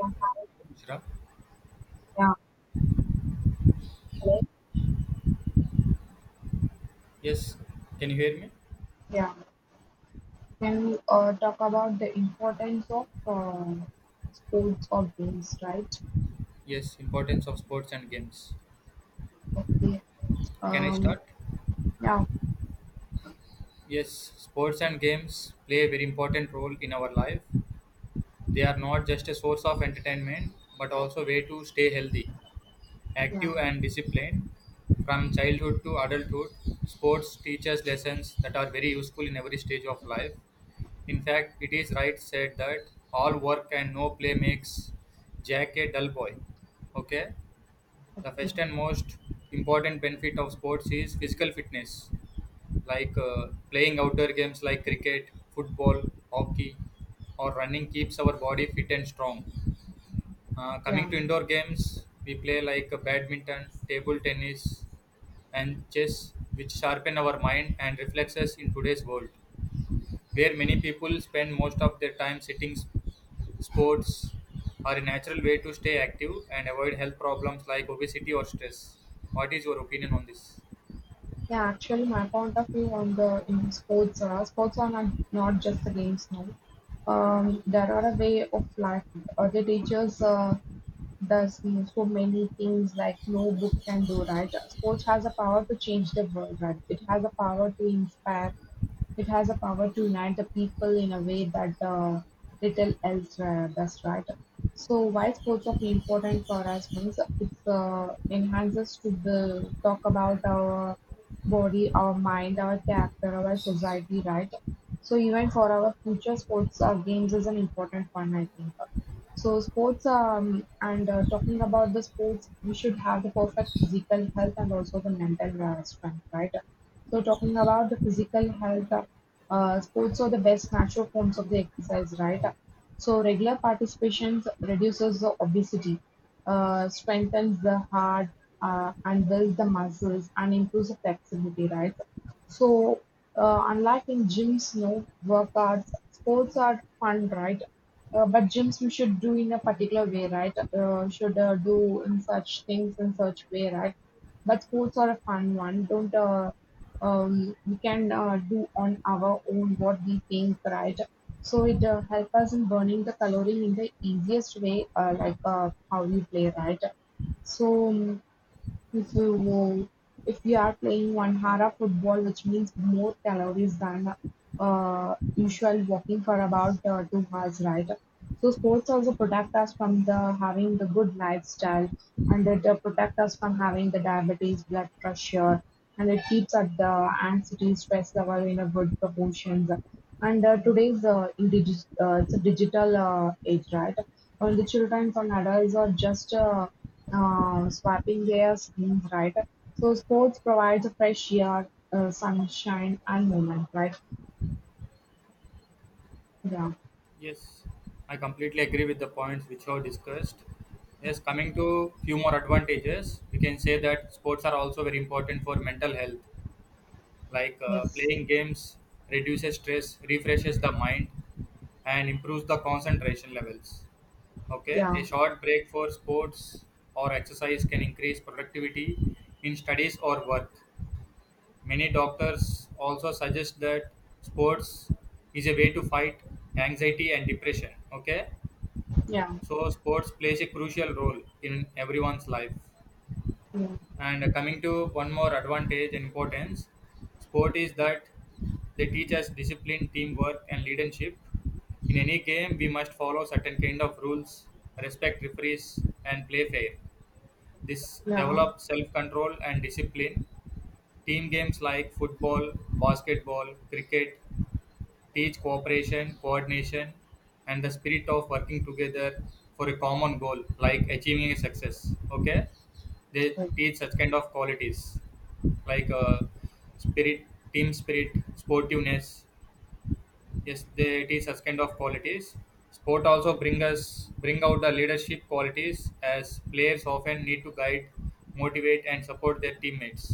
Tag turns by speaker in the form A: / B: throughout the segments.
A: Yeah,
B: Shra?
A: yeah, hello.
B: Yes, can you hear me?
A: Yeah, can we talk about the importance of sports or games, right?
B: Yes, importance of sports and games.
A: Yeah.
B: Can I
A: Um,
B: start?
A: yeah,
B: Yes, sports and games play a very important role in our life. They are not just a source of entertainment, but also a way to stay healthy, active,
A: yeah,
B: and disciplined. From childhood to adulthood, sports teaches lessons that are very useful in every stage of life. In fact, it is right said that all work and no play makes Jack a dull boy. Okay? The first and most important benefit of sports is physical fitness, like playing outdoor games like cricket, football, hockey, or running keeps our body fit and strong. Coming to
A: yeah,
B: indoor games, we play like badminton, table tennis, and chess, which sharpen our mind and reflexes in today's world where many people spend most of their time sitting. Sports are a natural way to stay active and avoid health problems like obesity or stress. What is your opinion on this?
A: yeah. Actually, my point of view on the in sports, sports are not just the games now. There are a way of life. The teachers does so many things like no book can do, right? Sports has a power to change the world, right? It has a power to inspire. It has a power to unite the people in a way that little else does, right? So why sports are important for us means it's enhances to the talk about our body, our mind, our character, our society, right? So even for our future, sports or games is an important one, I think. So sports and talking about the sports, we should have the perfect physical health and also the mental strength, right? So talking about the physical health, sports are the best natural forms of the exercise, right? So regular participation reduces the obesity, strengthens the heart, and builds the muscles and improves the flexibility, right? So unlike in gyms, no workouts, sports are fun, right? But gyms we should do in a particular way, right? Should do in such things in such way, right? But sports are a fun one. Don't we can do on our own what we think, right? So it help us in burning the calorie in the easiest way, like how we play, right? So um, No, if we are playing 1 hour of football, which means more calories than usual walking for about 2 hours, right? So sports also protect us from the having the good lifestyle, and it protect us from having the diabetes, blood pressure, and it keeps at the anxiety, stress level in a good proportions. And today's it's a digital age, right? Well, the children and adults are just swapping their skins, right? So sports provides fresh air, sunshine, and movement, right? Yeah.
B: Yes, I completely agree with the points which you have discussed. Yes, coming to few more advantages, we can say that sports are also very important for mental health, like
A: Yes.
B: playing games reduces stress, refreshes the mind, and improves the concentration levels. Okay, a
A: Yeah.
B: short break for sports or exercise can increase productivity in studies or work. Many doctors also suggest that sports is a way to fight anxiety and depression. Okay,
A: Yeah.
B: so sports plays a crucial role in everyone's life.
A: Yeah.
B: And coming to one more advantage and importance, sport is that they teach us discipline, teamwork, and leadership. In any game, we must follow certain kind of rules, respect referees, and play fair. This
A: Yeah.
B: develops self-control and discipline. Team games like football, basketball, cricket, teach cooperation, coordination, and the spirit of working together for a common goal, like achieving a success. Okay, they
A: Like,
B: teach such kind of qualities, like spirit, team spirit, sportiveness. Yes, they teach such kind of qualities. Sport also bring out the leadership qualities as players often need to guide, motivate, and support their teammates.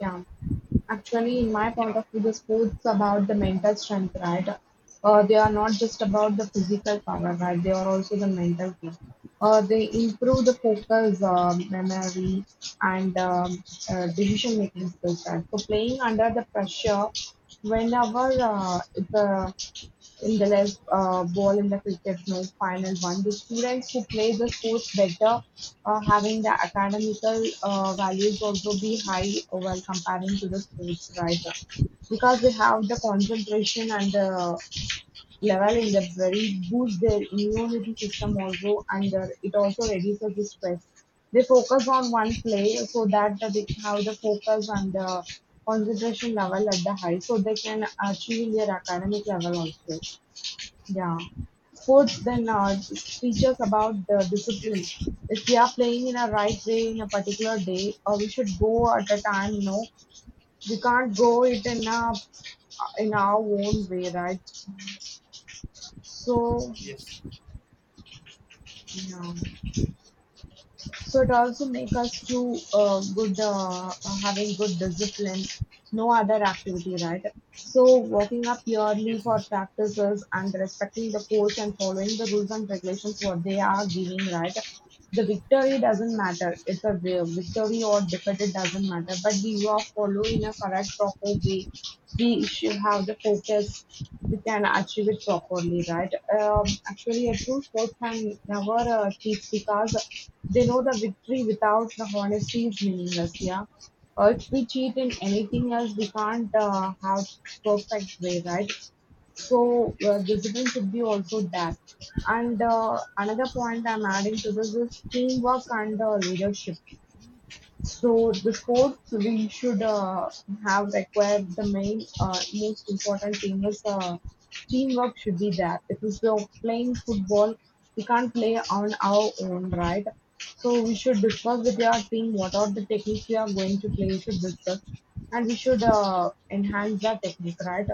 A: yeah. Actually, in my
B: Yeah.
A: point of view, the sports about the mental strength, right? They are not just about the physical power, right? They are also the mental thing. They improve the focus, memory, and decision making skills, right? So playing under the pressure, whenever the in the Indelez ball in the Cricket no Final One, the students who play the sports better having the academical values also be high while comparing to the sports writer because they have the concentration and the level in the very boost their immunity system, also, and it also reduces the stress. They focus on one play so that they have the focus and the concentration level at the high so they can achieve their academic level also. Yeah, sports then teaches about the discipline.
B: Yes.
A: If we are playing in a right way in a particular day, or we should go at a time, you know, we can't go it in a in our own way, right? So,
B: Yes.
A: yeah. So it also make us to good having good discipline. No other activity, right? So walking up purely
B: Yes.
A: for practices and respecting the coach and following the rules and regulations what they are giving, right? The victory doesn't matter, it's a way. Victory or defeat, it doesn't matter. But we are following a correct, proper way. We should have the focus. We can achieve it properly, right? Actually, a true sports can never cheat because they know the victory without the honesty is meaningless. Yeah, or if we cheat in anything else, we can't have perfect way, right? So
B: Yes.
A: discipline should be also that. And another point I'm adding to this is teamwork and leadership. So the quote we should have required the main most important thing is teamwork should be there. If we are playing football, we can't play on our own, right? So we should discuss with your team what are the techniques we are going to play. We should discuss and we should enhance the technique, right?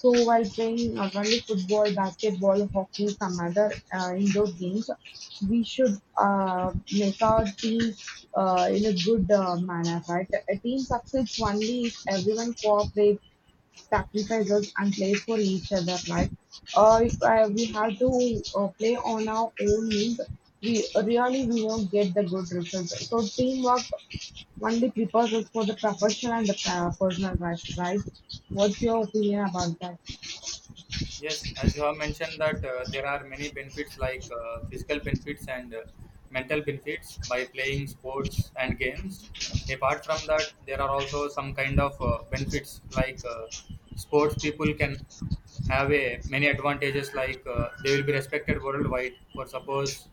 A: So while playing not only football, basketball, hockey, some other indoor games, we should make our team in a good manner, right? A team succeeds only if everyone cooperates, sacrifices, and plays for each other, right? Or if we have to play on our own means, we really we won't get the good results. So teamwork only prepares us for the professional and the personal life, right? What's your opinion about that?
B: Yes, as you have mentioned that there are many benefits like physical benefits and mental benefits by playing sports and games. Apart from that, there are also some kind of benefits like sports people can have a many advantages like they will be respected worldwide. For suppose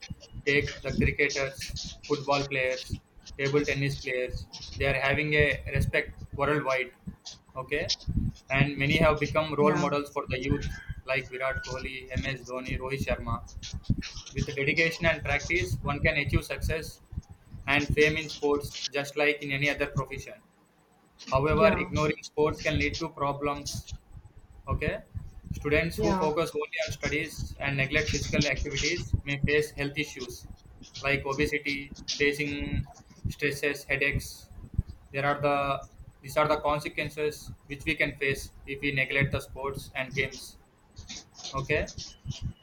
B: take the cricketers, football players, table tennis players, they are having a respect worldwide. Okay, and many have become role
A: Yeah,
B: models for the youth like Virat Kohli, MS Dhoni, Rohit Sharma. With dedication and practice, one can achieve success and fame in sports just like in any other profession. However,
A: yeah,
B: ignoring sports can lead to problems. Okay. Students who
A: yeah,
B: focus only on studies and neglect physical activities may face health issues like obesity, facing stresses, headaches. There are the These are the consequences which we can face if we neglect the sports and games. Okay,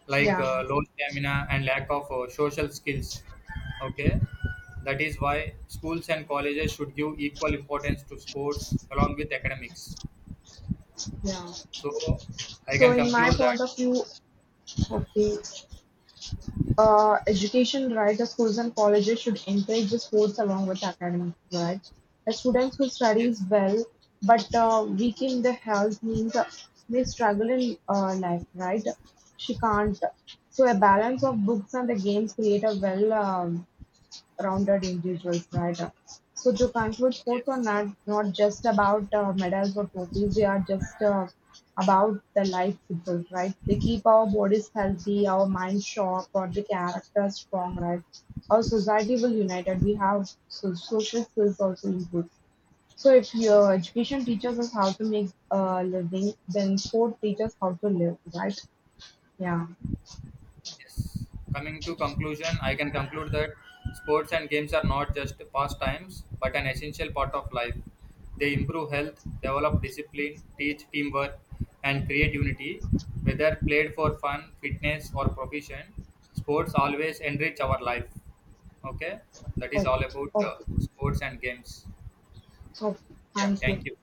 B: like
A: yeah,
B: low stamina and lack of social skills. Okay, that is why schools and colleges should give equal importance to sports along with academics.
A: yeah.
B: So I
A: So
B: can
A: in my
B: conclude that,
A: point of view, okay. Education, right? The schools and colleges should encourage the sports along with academic, right? The students who studies
B: yes.
A: well but weak in their health means may struggle in life, right? She can't. So a balance of books and the games create a well-balanced rounded individuals, right? So to conclude, sports are
B: Yes.
A: not just about medals or trophies. They are just about the life itself, right? They keep our bodies healthy, our minds sharp, or the character strong, right? Our society will united. We have so social skills also improve. So if your education teaches us how to make a living, then sport teaches how to live, right? Yeah.
B: Yes. Coming to conclusion, I can conclude that sports and games are not just pastimes, but an essential part of life. They improve health, develop discipline, teach teamwork, and create unity. Whether played for fun, fitness, or profession, sports always enrich our life. Okay, that is
A: Okay.
B: all about
A: Okay.
B: sports and games.
A: Okay.
B: Yeah,
A: Thank you.
B: thank you.